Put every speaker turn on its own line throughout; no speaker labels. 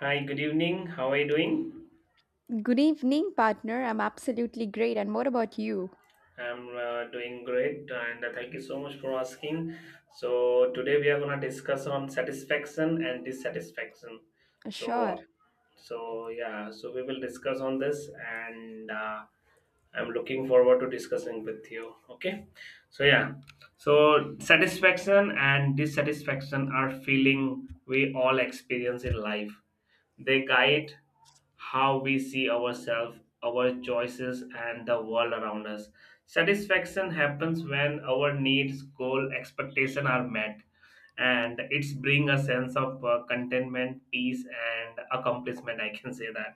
Hi, good evening. How are you doing?
Good evening, partner. I'm absolutely great. And what about you?
I'm doing great, and thank you so much for asking. So today we are gonna discuss on satisfaction and dissatisfaction.
Sure.
So, so we will discuss on this, and I'm looking forward to discussing with you. Okay, so yeah, so satisfaction and dissatisfaction are feeling we all experience in life. They guide how we see ourselves, our choices, and the world around us. Satisfaction happens when our needs, goal, expectation are met, and it's bring a sense of contentment, peace, and accomplishment. I can say that.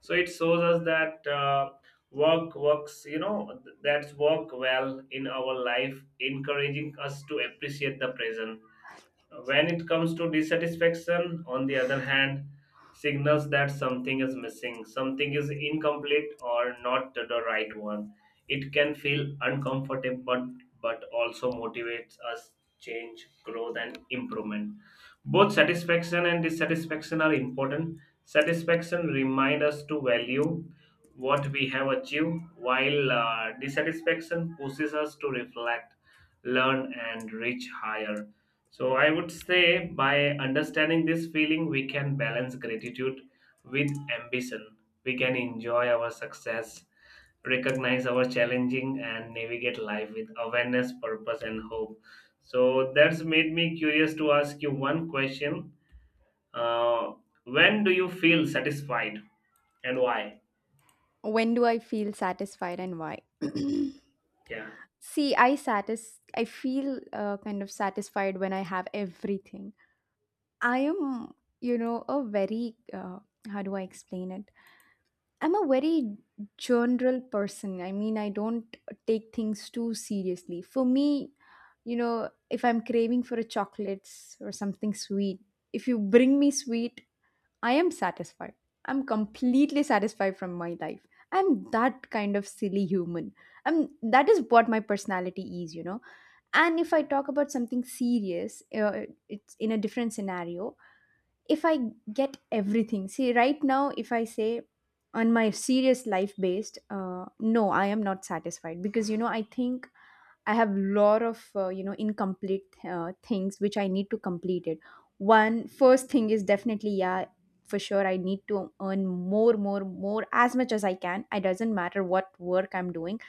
So it shows us that work works. You know that's work well in our life, encouraging us to appreciate the present when it comes to dissatisfaction. On the other hand, signals that something is missing, something is incomplete or not the right one. It can feel uncomfortable but also motivates us change, growth and improvement. Both satisfaction and dissatisfaction are important. Satisfaction reminds us to value what we have achieved, while dissatisfaction pushes us to reflect, learn, and reach higher. So, I would say by understanding this feeling, we can balance gratitude with ambition. We can enjoy our success, recognize our challenging, and navigate life with awareness, purpose, and hope. So that's made me curious to ask you one question. Uh, when do you feel satisfied and why?
When do I feel satisfied and why?
Yeah.
See, I feel kind of satisfied when I have everything. I am, a very how do I explain it? I'm a very general person. I mean, I don't take things too seriously. For me, if I'm craving for a chocolates or something sweet, if you bring me sweet, I am satisfied. I'm completely satisfied from my life. I'm that kind of silly human. I'm that is what my personality is. And if I talk about something serious, it's in a different scenario. If I get everything, see, right now, if I say on my serious life based, no, I am not satisfied because I think I have lot of incomplete things which I need to complete it. One first thing is definitely, yeah, for sure I need to earn more, more, more, as much as I can. It doesn't matter what work I'm doing.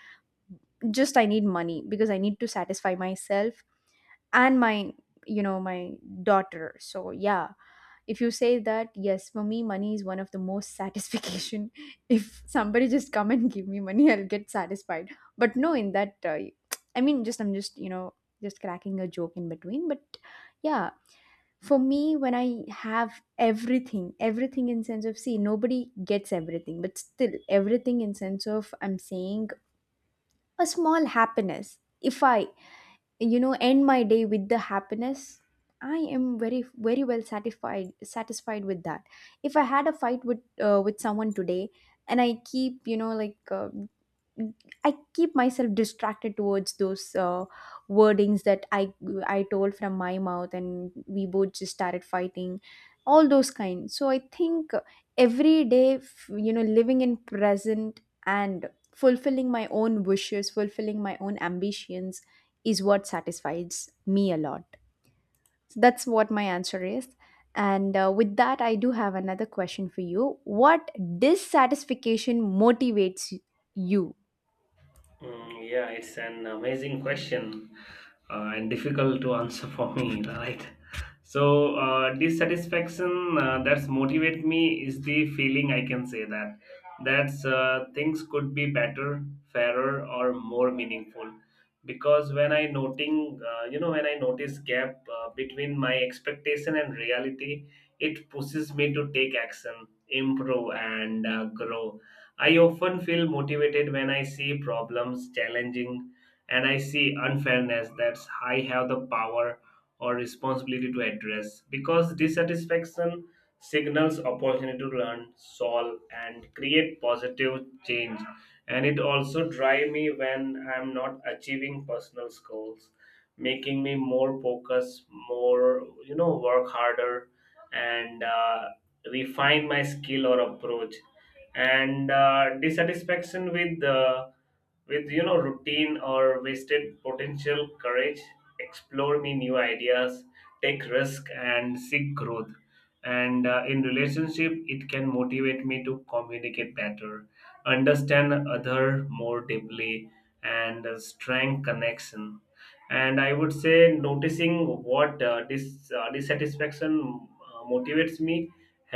Just I need money because I need to satisfy myself and my you know my daughter. So yeah, if you say that, yes, for me money is one of the most satisfaction. If somebody just come and give me money, I'll get satisfied. But no, in that I mean, just I'm just just cracking a joke in between. But yeah, for me when I have everything, everything in sense of, see, nobody gets everything, but still everything in sense of I'm saying, a small happiness, if I end my day with the happiness, I am very, very well satisfied with that. If I had a fight with with someone today, and I keep, I keep myself distracted towards those wordings that I told from my mouth, and we both just started fighting, all those kinds. So I think every day, living in present and fulfilling my own wishes, fulfilling my own ambitions, is what satisfies me a lot. So that's what my answer is. And with that, I do have another question for you. What dissatisfaction motivates you?
Mm, yeah, it's an amazing question and difficult to answer for me, right? So, dissatisfaction that's motivate me is the feeling I can say that that's things could be better, fairer, or more meaningful. Because when I noting, when I notice gap between my expectation and reality, it pushes me to take action, improve, and grow. I often feel motivated when I see problems challenging and I see unfairness that I have the power or responsibility to address because dissatisfaction signals opportunity to learn, solve, and create positive change. And it also drives me when I'm not achieving personal goals, making me more focused, more, you know, work harder and refine my skill or approach, and dissatisfaction with you know routine or wasted potential courage explore me new ideas, take risk and seek growth. And in relationship, it can motivate me to communicate better, understand other more deeply, and strengthen connection. And I would say noticing what dissatisfaction motivates me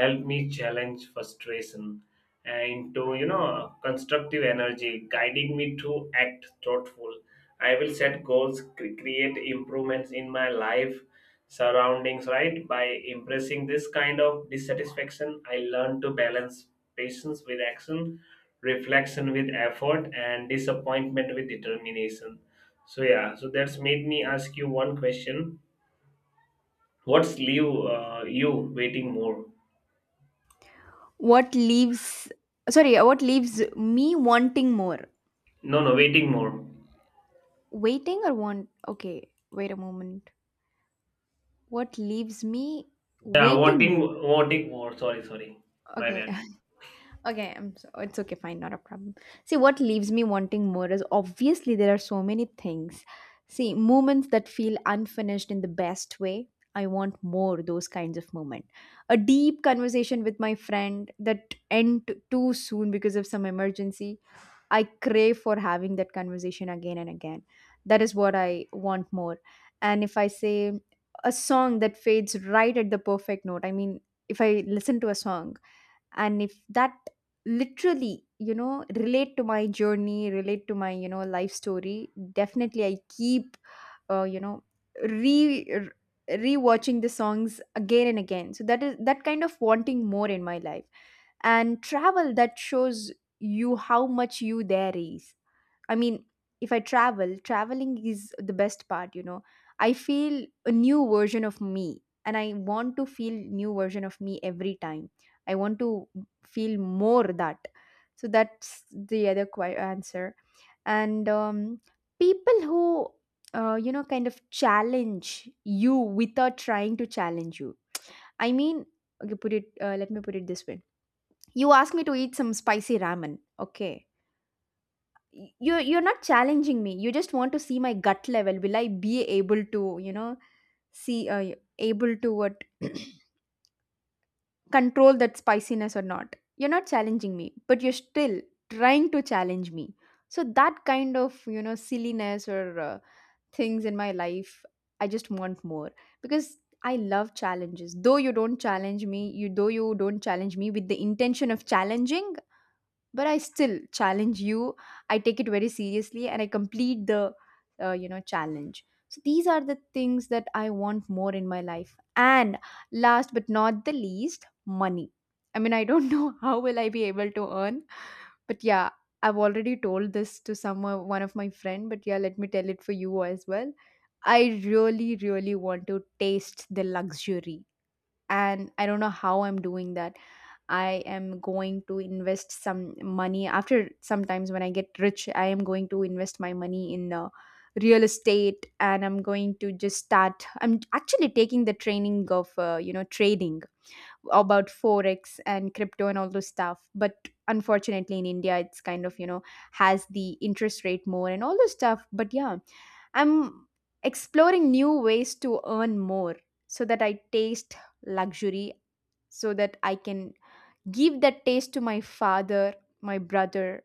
help me challenge frustration into you know constructive energy guiding me to act thoughtful. I will set goals, create improvements in my life surroundings, right? By impressing this kind of dissatisfaction, I learn to balance patience with action, reflection with effort, and disappointment with determination. So yeah, so that's made me ask you one question. What's leave you waiting more?
What leaves Sorry, what leaves me wanting more?
No, waiting more.
Waiting or want, okay, wait a moment. What leaves me
Yeah,
waiting
voting,
more?
voting war. Sorry, sorry, my
Okay.
bad.
Okay, it's okay, fine, not a problem. See, what leaves me wanting more is, obviously, there are so many things. See, moments that feel unfinished in the best way. I want more those kinds of moment. A deep conversation with my friend that end too soon because of some emergency, I crave for having that conversation again and again. That is what I want more. And if I say a song that fades right at the perfect note, I mean, if I listen to a song, and if that literally, relate to my journey, relate to my, life story, definitely I keep, uh, you know, re-watching the songs again and again. So that is that kind of wanting more in my life. And travel that shows you how much you there is, I mean, if I travel traveling is the best part. I feel a new version of me, and I want to feel new version of me every time. I want to feel more that. So that's the other answer. And people who, kind of challenge you without trying to challenge you. I mean, okay, put it let me put it this way. You ask me to eat some spicy ramen. Okay. You're not challenging me. You just want to see my gut level. Will I be able to, you know, see, able to what, control that spiciness or not? You're not challenging me, but you're still trying to challenge me. So that kind of, silliness or things in my life, I just want more, because I love challenges. Though you don't challenge me, you though you don't challenge me with the intention of challenging, but I still challenge you. I take it very seriously, and I complete the challenge. So these are the things that I want more in my life. And last but not the least, money. I mean, I don't know how will I be able to earn, but yeah, I've already told this to some one of my friend, but yeah, let me tell it for you as well. I really, really want to taste the luxury, and I don't know how I'm doing that. I am going to invest some money after sometimes when I get rich. I am going to invest my money in real estate, and I'm going to just start. I'm actually taking the training of, trading about Forex and crypto and all those stuff. But unfortunately, in India, it's kind of, has the interest rate more and all those stuff. But yeah, I'm exploring new ways to earn more, so that I taste luxury, so that I can give that taste to my father, my brother,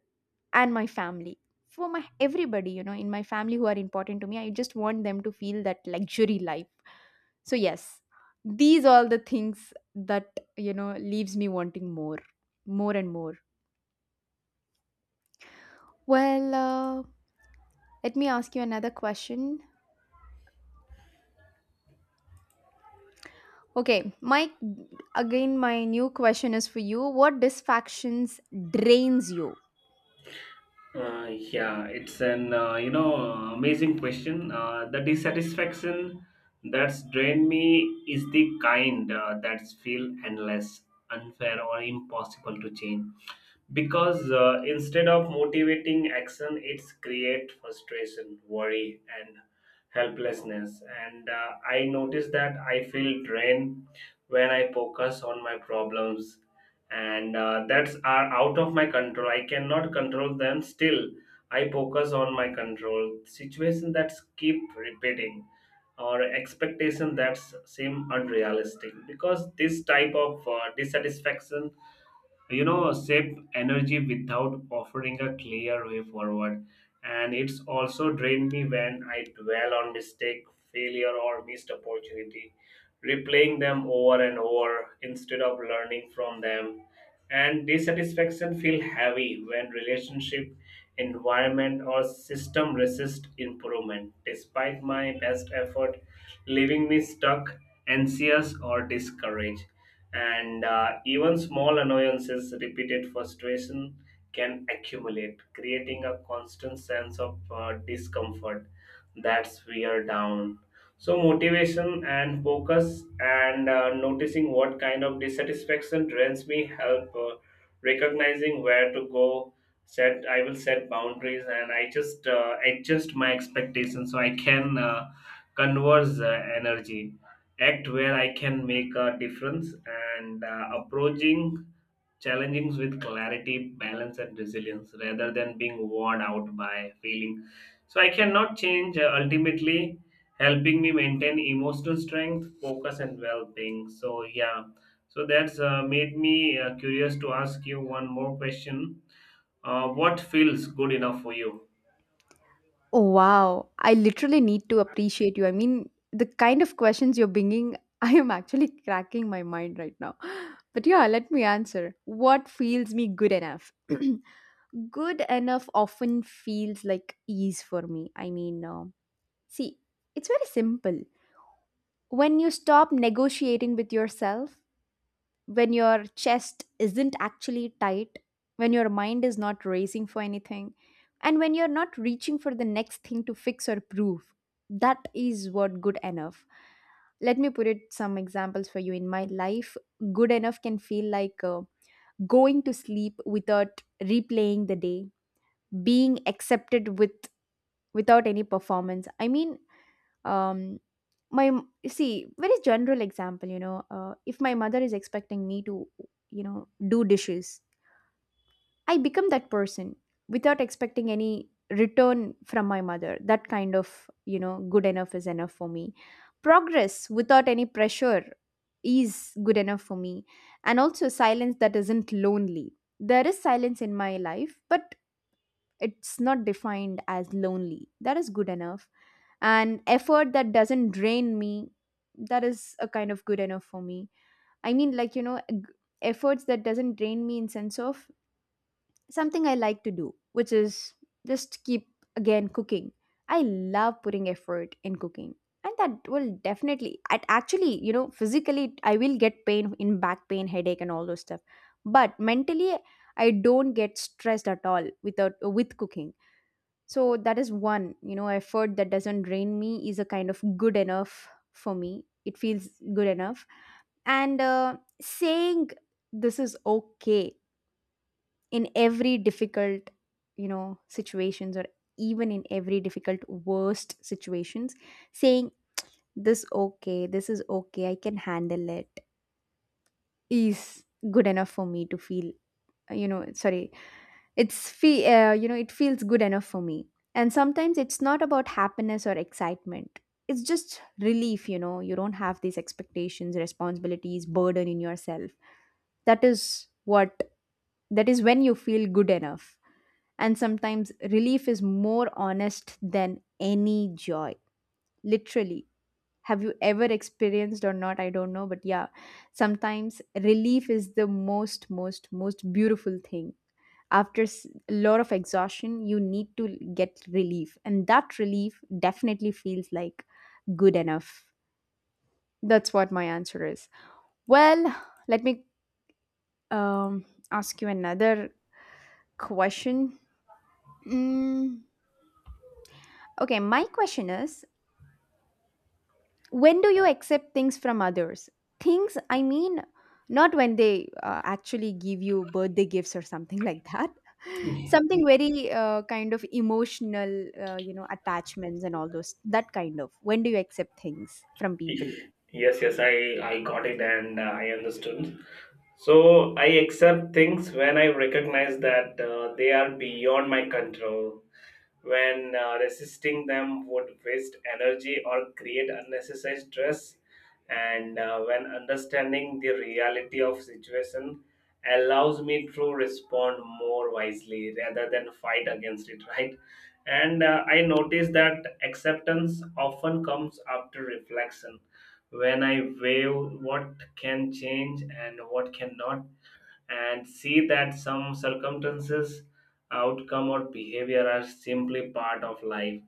and my family. For my everybody, in my family who are important to me, I just want them to feel that luxury life. So yes, these all the things that leaves me wanting more, more and more. Well, let me ask you another question, okay, Mike. Again, my new question is for you: what distractions drains you?
Yeah, it's an amazing question. The dissatisfaction that's drained me is the kind that feel endless, unfair, or impossible to change. Because instead of motivating action, it's create frustration, worry and helplessness. And I notice that I feel drained when I focus on my problems, and that's are out of my control. I cannot control them. Still I focus on my control situation that's keep repeating, or expectation that seem unrealistic, because this type of dissatisfaction you know sap energy without offering a clear way forward. And it's also drained me when I dwell on mistake, failure or missed opportunity, replaying them over and over instead of learning from them. And dissatisfaction feel heavy when relationship, environment or system resist improvement despite my best effort, leaving me stuck, anxious or discouraged. And even small annoyances, repeated frustration can accumulate, creating a constant sense of discomfort that's wear down. So, motivation and focus, and noticing what kind of dissatisfaction drains me, help recognizing where to go. Set I will set boundaries, and I just adjust my expectations so I can converse energy, act where I can make a difference, and approaching challenges with clarity, balance, and resilience rather than being worn out by feeling. So I cannot change ultimately, helping me maintain emotional strength, focus, and well being. So, yeah, so that's made me curious to ask you one more question. What feels good enough for you?
Oh, wow. I literally need to appreciate you. I mean, the kind of questions you're bringing, I am actually cracking my mind right now. But yeah, let me answer. What feels me good enough? Good enough often feels like ease for me. I mean, see, it's very simple. When you stop negotiating with yourself, when your chest isn't actually tight, when your mind is not racing for anything, and when you're not reaching for the next thing to fix or prove. That is what good enough. Let me put it some examples for you. In my life, good enough can feel like, going to sleep without replaying the day, being accepted without any performance. I mean, um, see, very general example. If my mother is expecting me to, do dishes, I become that person without expecting any return from my mother. That kind of, good enough is enough for me. Progress without any pressure is good enough for me. And also silence that isn't lonely. There is silence in my life, but it's not defined as lonely. That is good enough. And effort that doesn't drain me, that is a kind of good enough for me. I mean, like, efforts that doesn't drain me, in sense of something I like to do, which is just keep, again, cooking. I love putting effort in cooking. And that will definitely, it actually, physically, I will get pain in back pain, headache, and all those stuff. But mentally, I don't get stressed at all without with cooking. So that is one, effort that doesn't drain me is a kind of good enough for me. It feels good enough. And saying this is okay in every difficult situations, or even in every difficult worst situations, saying this is okay, I can handle it, is good enough for me to feel, sorry, it's fe- you know it feels good enough for me. And sometimes it's not about happiness or excitement, it's just relief. You don't have these expectations, responsibilities, burden in yourself. That is what that is when you feel good enough. And sometimes relief is more honest than any joy. Literally. Have you ever experienced or not? I don't know. But yeah, sometimes relief is the most, most, most beautiful thing. After a lot of exhaustion, you need to get relief. And that relief definitely feels like good enough. That's what my answer is. Well, let me um, ask you another question. Mm, okay, my question is when do you accept things from others? Things I mean, not when they actually give you birthday gifts or something like that, something very kind of emotional, attachments and all those, that kind of. When do you accept things from people?
Yes, yes, I got it and I understood. So I accept things when I recognize that they are beyond my control, when resisting them would waste energy or create unnecessary stress, and when understanding the reality of situation allows me to respond more wisely rather than fight against it, right? And I notice that acceptance often comes after reflection, when I weigh what can change and what cannot, and see that some circumstances, outcome, or behavior are simply part of life.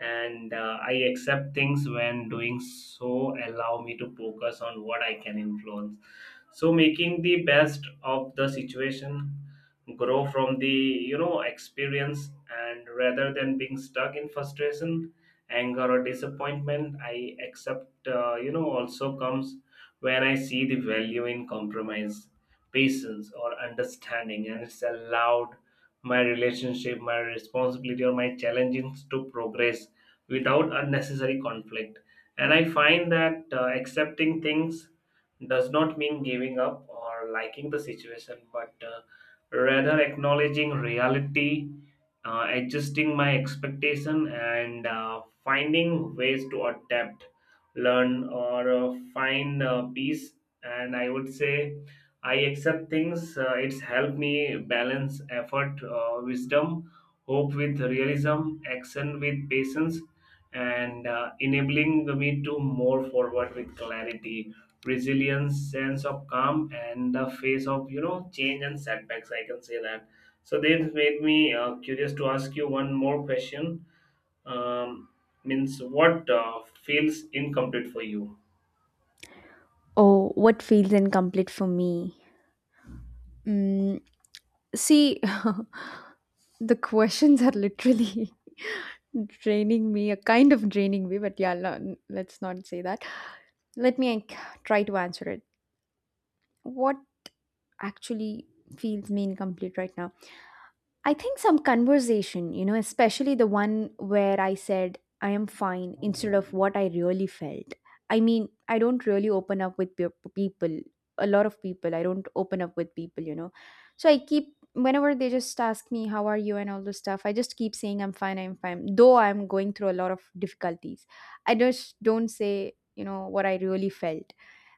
And I accept things when doing so allow me to focus on what I can influence. So making the best of the situation, grow from the you know experience, and rather than being stuck in frustration, anger, or disappointment, I accept you know also comes when I see the value in compromise, patience or understanding, and it's allowed my relationship, my responsibility, or my challenges to progress without unnecessary conflict. And I find that accepting things does not mean giving up or liking the situation, but rather acknowledging reality, adjusting my expectation, and finding ways to adapt, learn, or find peace. And I would say I accept things. It's helped me balance effort, wisdom, hope with realism, action with patience, and enabling me to move forward with clarity, resilience, sense of calm, and the face of you know change and setbacks. I can say that. So this made me curious to ask you one more question. Um, means what feels incomplete for you?
Oh, what feels incomplete for me. mm, see, the questions are literally draining me, a kind of draining me. But yeah, let's not say that. Let me try to answer it. What actually feels me incomplete right now? I think some conversation, you know, especially the one where I said I am fine instead of what I really felt. I mean, I don't really open up with people. A lot of people, I don't open up with people, you know. So I keep, whenever they just ask me how are you and all this stuff, I just keep saying I'm fine, I'm fine, though I'm going through a lot of difficulties. I just don't say, you know, what I really felt.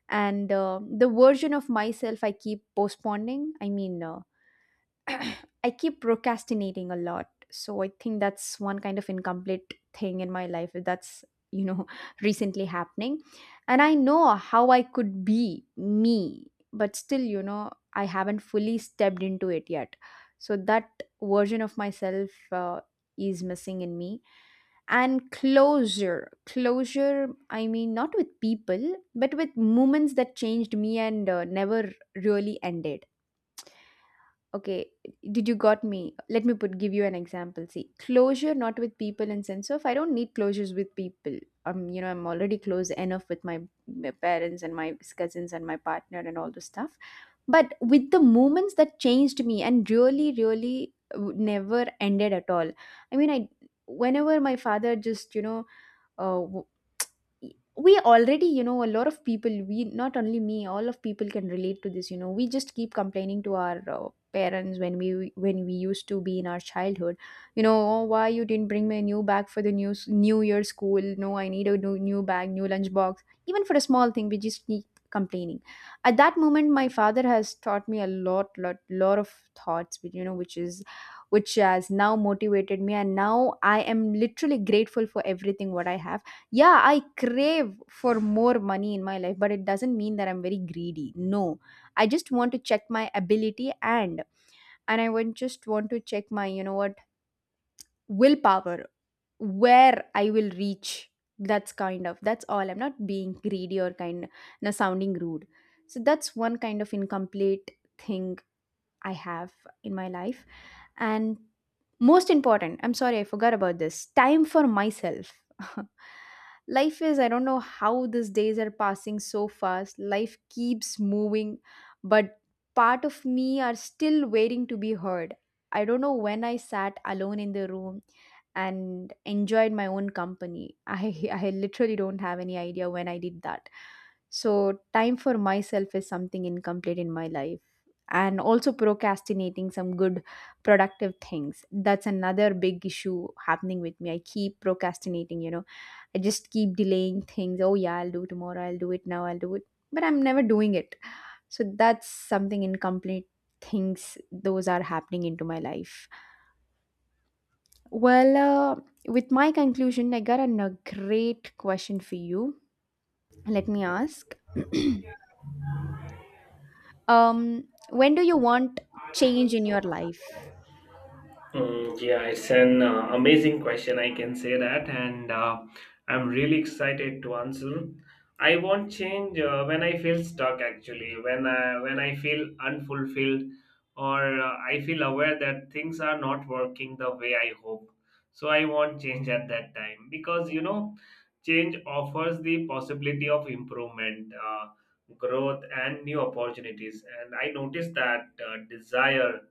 And the version of myself I keep postponing, I mean I keep procrastinating a lot. So I think that's one kind of incomplete thing in my life, that's, you know, recently happening. And I know how I could be me, but still, you know, I haven't fully stepped into it yet. So that version of myself is missing in me. And closure, closure, I mean not with people but with moments that changed me and never really ended. Okay, did you got me? Let me put give you an example. See, closure not with people, in sense of I don't need closures with people. Um, you know, I'm already close enough with my parents and my cousins and my partner and all the stuff. But with the moments that changed me and really, really never ended at all. I mean, I, whenever my father just, you know, uh, w- we already, you know, a lot of people, we, not only me, all of people can relate to this, you know. We just keep complaining to our parents, when we, when we used to be in our childhood. You know, oh, why you didn't bring me a new bag for the new new year school? No, I need a new, new bag, new lunchbox. Even for a small thing, we just keep complaining. At that moment, my father has taught me a lot, lot, lot of thoughts, you know, which is, which has now motivated me, and now I am literally grateful for everything what I have. Yeah, I crave for more money in my life, but it doesn't mean that I'm very greedy. No. I just want to check my ability, and I would just want to check my, you know what, willpower, where I will reach. That's kind of, that's all. I'm not being greedy or kind of sounding rude. So that's one kind of incomplete thing I have in my life. And most important, I'm sorry, I forgot about this, time for myself. Life is, I don't know how these days are passing so fast. Life keeps moving, but part of me are still waiting to be heard. I don't know when I sat alone in the room and enjoyed my own company. I literally don't have any idea when I did that. So, time for myself is something incomplete in my life. And also procrastinating some good productive things, that's another big issue happening with me. I keep procrastinating, you know, I just keep delaying things. Oh, yeah, I'll do tomorrow, I'll do it now, I'll do it, but I'm never doing it. So that's something incomplete, things those are happening into my life. Well, with my conclusion I got a great question for you. Let me ask. Um, when do you want change in your life?
Mm, yeah, it's an amazing question, I can say that, and I'm really excited to answer. I won't change when I feel stuck, actually, when I feel unfulfilled or I feel aware that things are not working the way I hope. So I won't change at that time because, you know, change offers the possibility of improvement, growth, and new opportunities. And I noticed that desire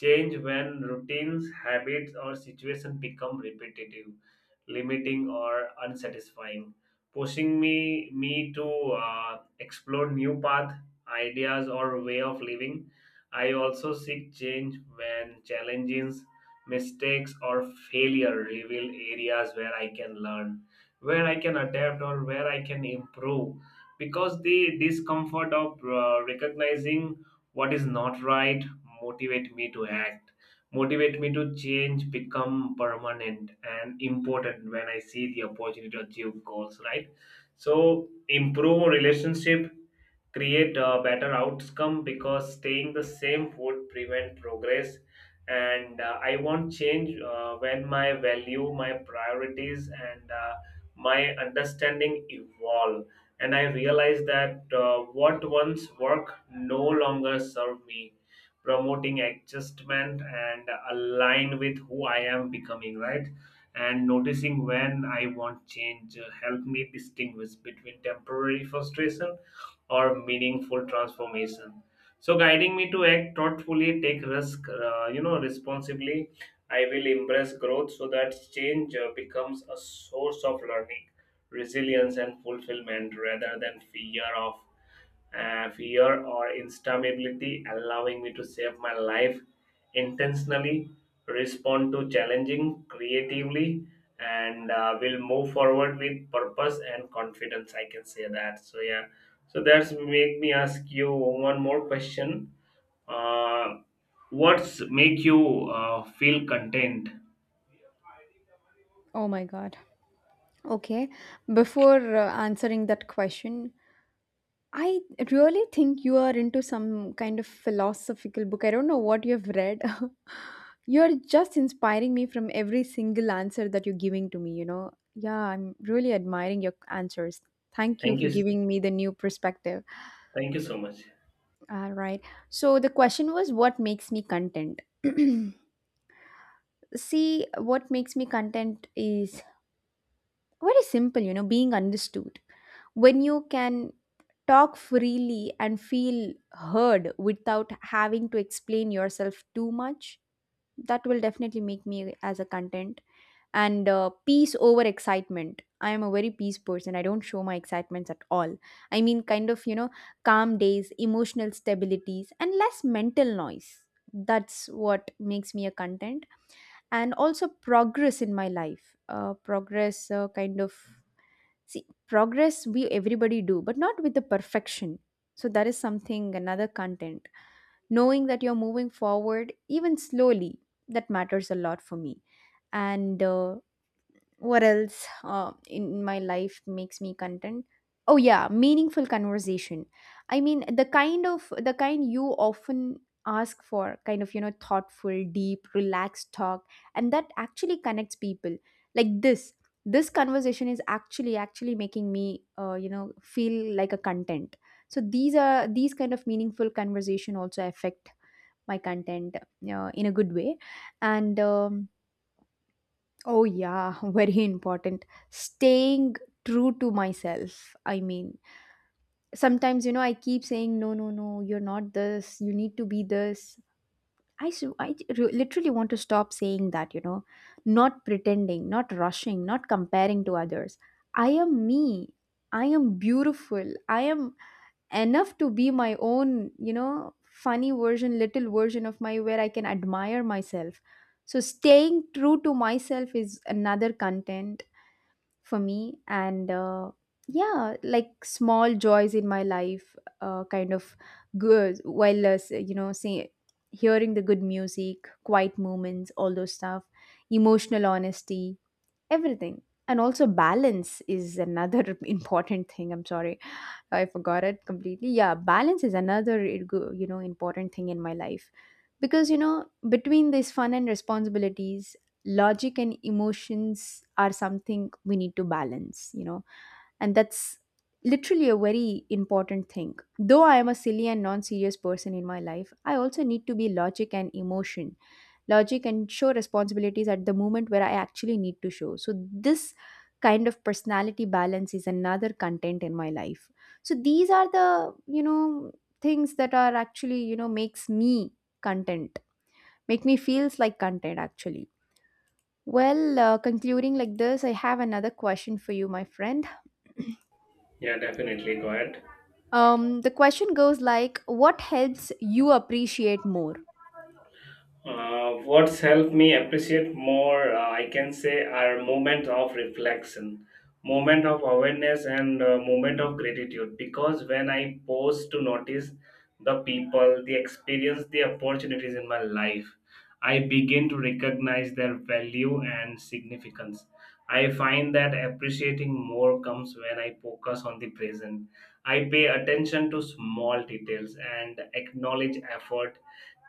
change when routines, habits, or situations become repetitive, limiting, or unsatisfying, pushing me to uh, explore new path, ideas, or way of living. I also seek change when challenges, mistakes, or failure reveal areas where I can learn, where I can adapt, or where I can improve. Because the discomfort of recognizing what is not right motivate me to act, motivate me to change become permanent and important when I see the opportunity to achieve goals, right? So improve relationship, create a better outcome, because staying the same would prevent progress. And I want change when my value, my priorities and my understanding evolve, and I realize that what once worked no longer serve me, promoting adjustment and align with who I am becoming, right? And noticing when I want change help me distinguish between temporary frustration or meaningful transformation. So, guiding me to act thoughtfully, take risk, you know, responsibly. I will embrace growth so that change becomes a source of learning, resilience and fulfillment rather than fear or instability, allowing me to save my life intentionally, respond to challenging creatively, and will move forward with purpose and confidence. I can say that. So yeah. So that's make me ask you one more question. Uh, what's make you feel content?
Oh my god. Okay, before answering that question, I really think you are into some kind of philosophical book. I don't know what you have read. You're just inspiring me from every single answer that you're giving to me, you know. Yeah, I'm really admiring your answers. Thank you
Thank
for
you.
giving me the new perspective.
Thank you so much.
All right. So the question was, what makes me content? See, what makes me content is very simple, you know, being understood, when you can talk freely and feel heard without having to explain yourself too much. That will definitely make me as a content. And peace over excitement. I am a very peace person, I don't show my excitements at all. I mean, kind of, you know, calm days, emotional stabilities, and less mental noise. That's what makes me a content. And also progress in my life, progress, kind of, see, progress we everybody do, but not with the perfection. So that is something another content. Knowing that you're moving forward even slowly, that matters a lot for me. And what else in my life makes me content? Oh yeah, meaningful conversation. I mean, the kind you often ask for, kind of, you know, thoughtful, deep, relaxed talk, and that actually connects people. Like this conversation is actually making me, you know, feel like a content. So these are, these kind of meaningful conversation also affect my content in a good way. And oh, yeah, very important. Staying true to myself. I mean, sometimes, you know, I keep saying no, no, no, you're not this, you need to be this. I, s- I re- literally want to stop saying that, you know, not pretending, not rushing, not comparing to others. I am me. I am beautiful. I am enough to be my own, you know, funny version, little version of my, where I can admire myself. So staying true to myself is another content for me. And yeah, like small joys in my life, kind of good while, you know, say hearing the good music, quiet moments, all those stuff, emotional honesty, everything. And also balance is another important thing. I'm sorry, I forgot it completely. Yeah, balance is another you know important thing in my life. Because, you know, between this fun and responsibilities, logic and emotions are something we need to balance, you know. And that's literally a very important thing. Though I am a silly and non-serious person in my life, I also need to be logic and emotion, logic, and show responsibilities at the moment where I actually need to show. So, this kind of personality balance is another content in my life. So, these are the, you know, things that are actually, you know, makes me content, make me feels like content actually. Well, concluding like this, I have another question for you, my friend.
Yeah, definitely. Go ahead.
The question goes like, what helps you appreciate more?
What's helped me appreciate more, I can say, are moments of reflection, moment of awareness, and moment of gratitude. Because when I pause to notice the people, the experience, the opportunities in my life, I begin to recognize their value and significance. I find that appreciating more comes when I focus on the present. I pay attention to small details and acknowledge effort,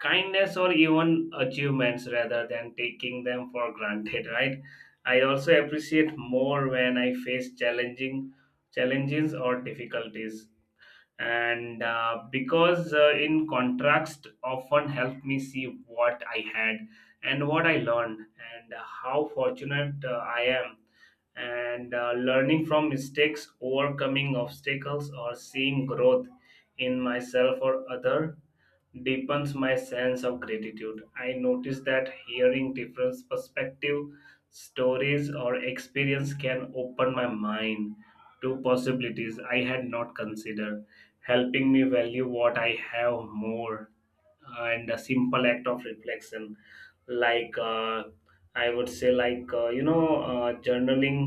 kindness or even achievements rather than taking them for granted, right? I also appreciate more when I face challenging challenges or difficulties, and because in contrast often helped me see what I had and what I learned and how fortunate I am. And learning from mistakes, overcoming obstacles or seeing growth in myself or other deepens my sense of gratitude. I notice that hearing different perspective, stories or experience can open my mind to possibilities I had not considered, helping me value what I have more. And a simple act of reflection, like I would say, like journaling,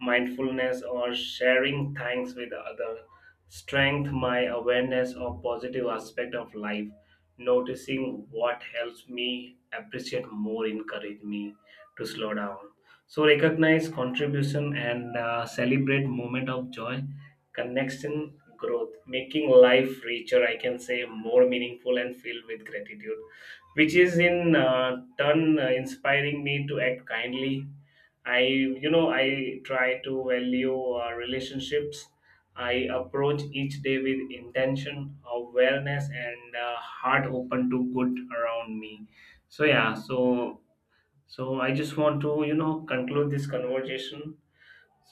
mindfulness, or sharing thanks with other, strength my awareness of positive aspect of life, noticing what helps me appreciate more, encourage me to slow down. So recognize contribution and celebrate moment of joy, connection, growth, making life richer, I can say more meaningful and filled with gratitude, which is in turn inspiring me to act kindly. I, you know, I try to value relationships. I approach each day with intention, awareness, and heart open to good around me. So yeah, so I just want to you know conclude this conversation.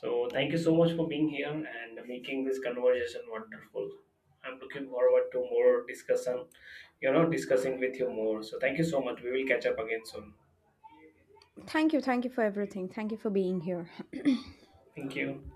So, thank you so much for being here and making this conversation wonderful. I'm looking forward to more discussion, you know, discussing with you more. So, thank you so much. We will catch up again soon.
Thank you. Thank you for everything. Thank you for being here.
Thank you.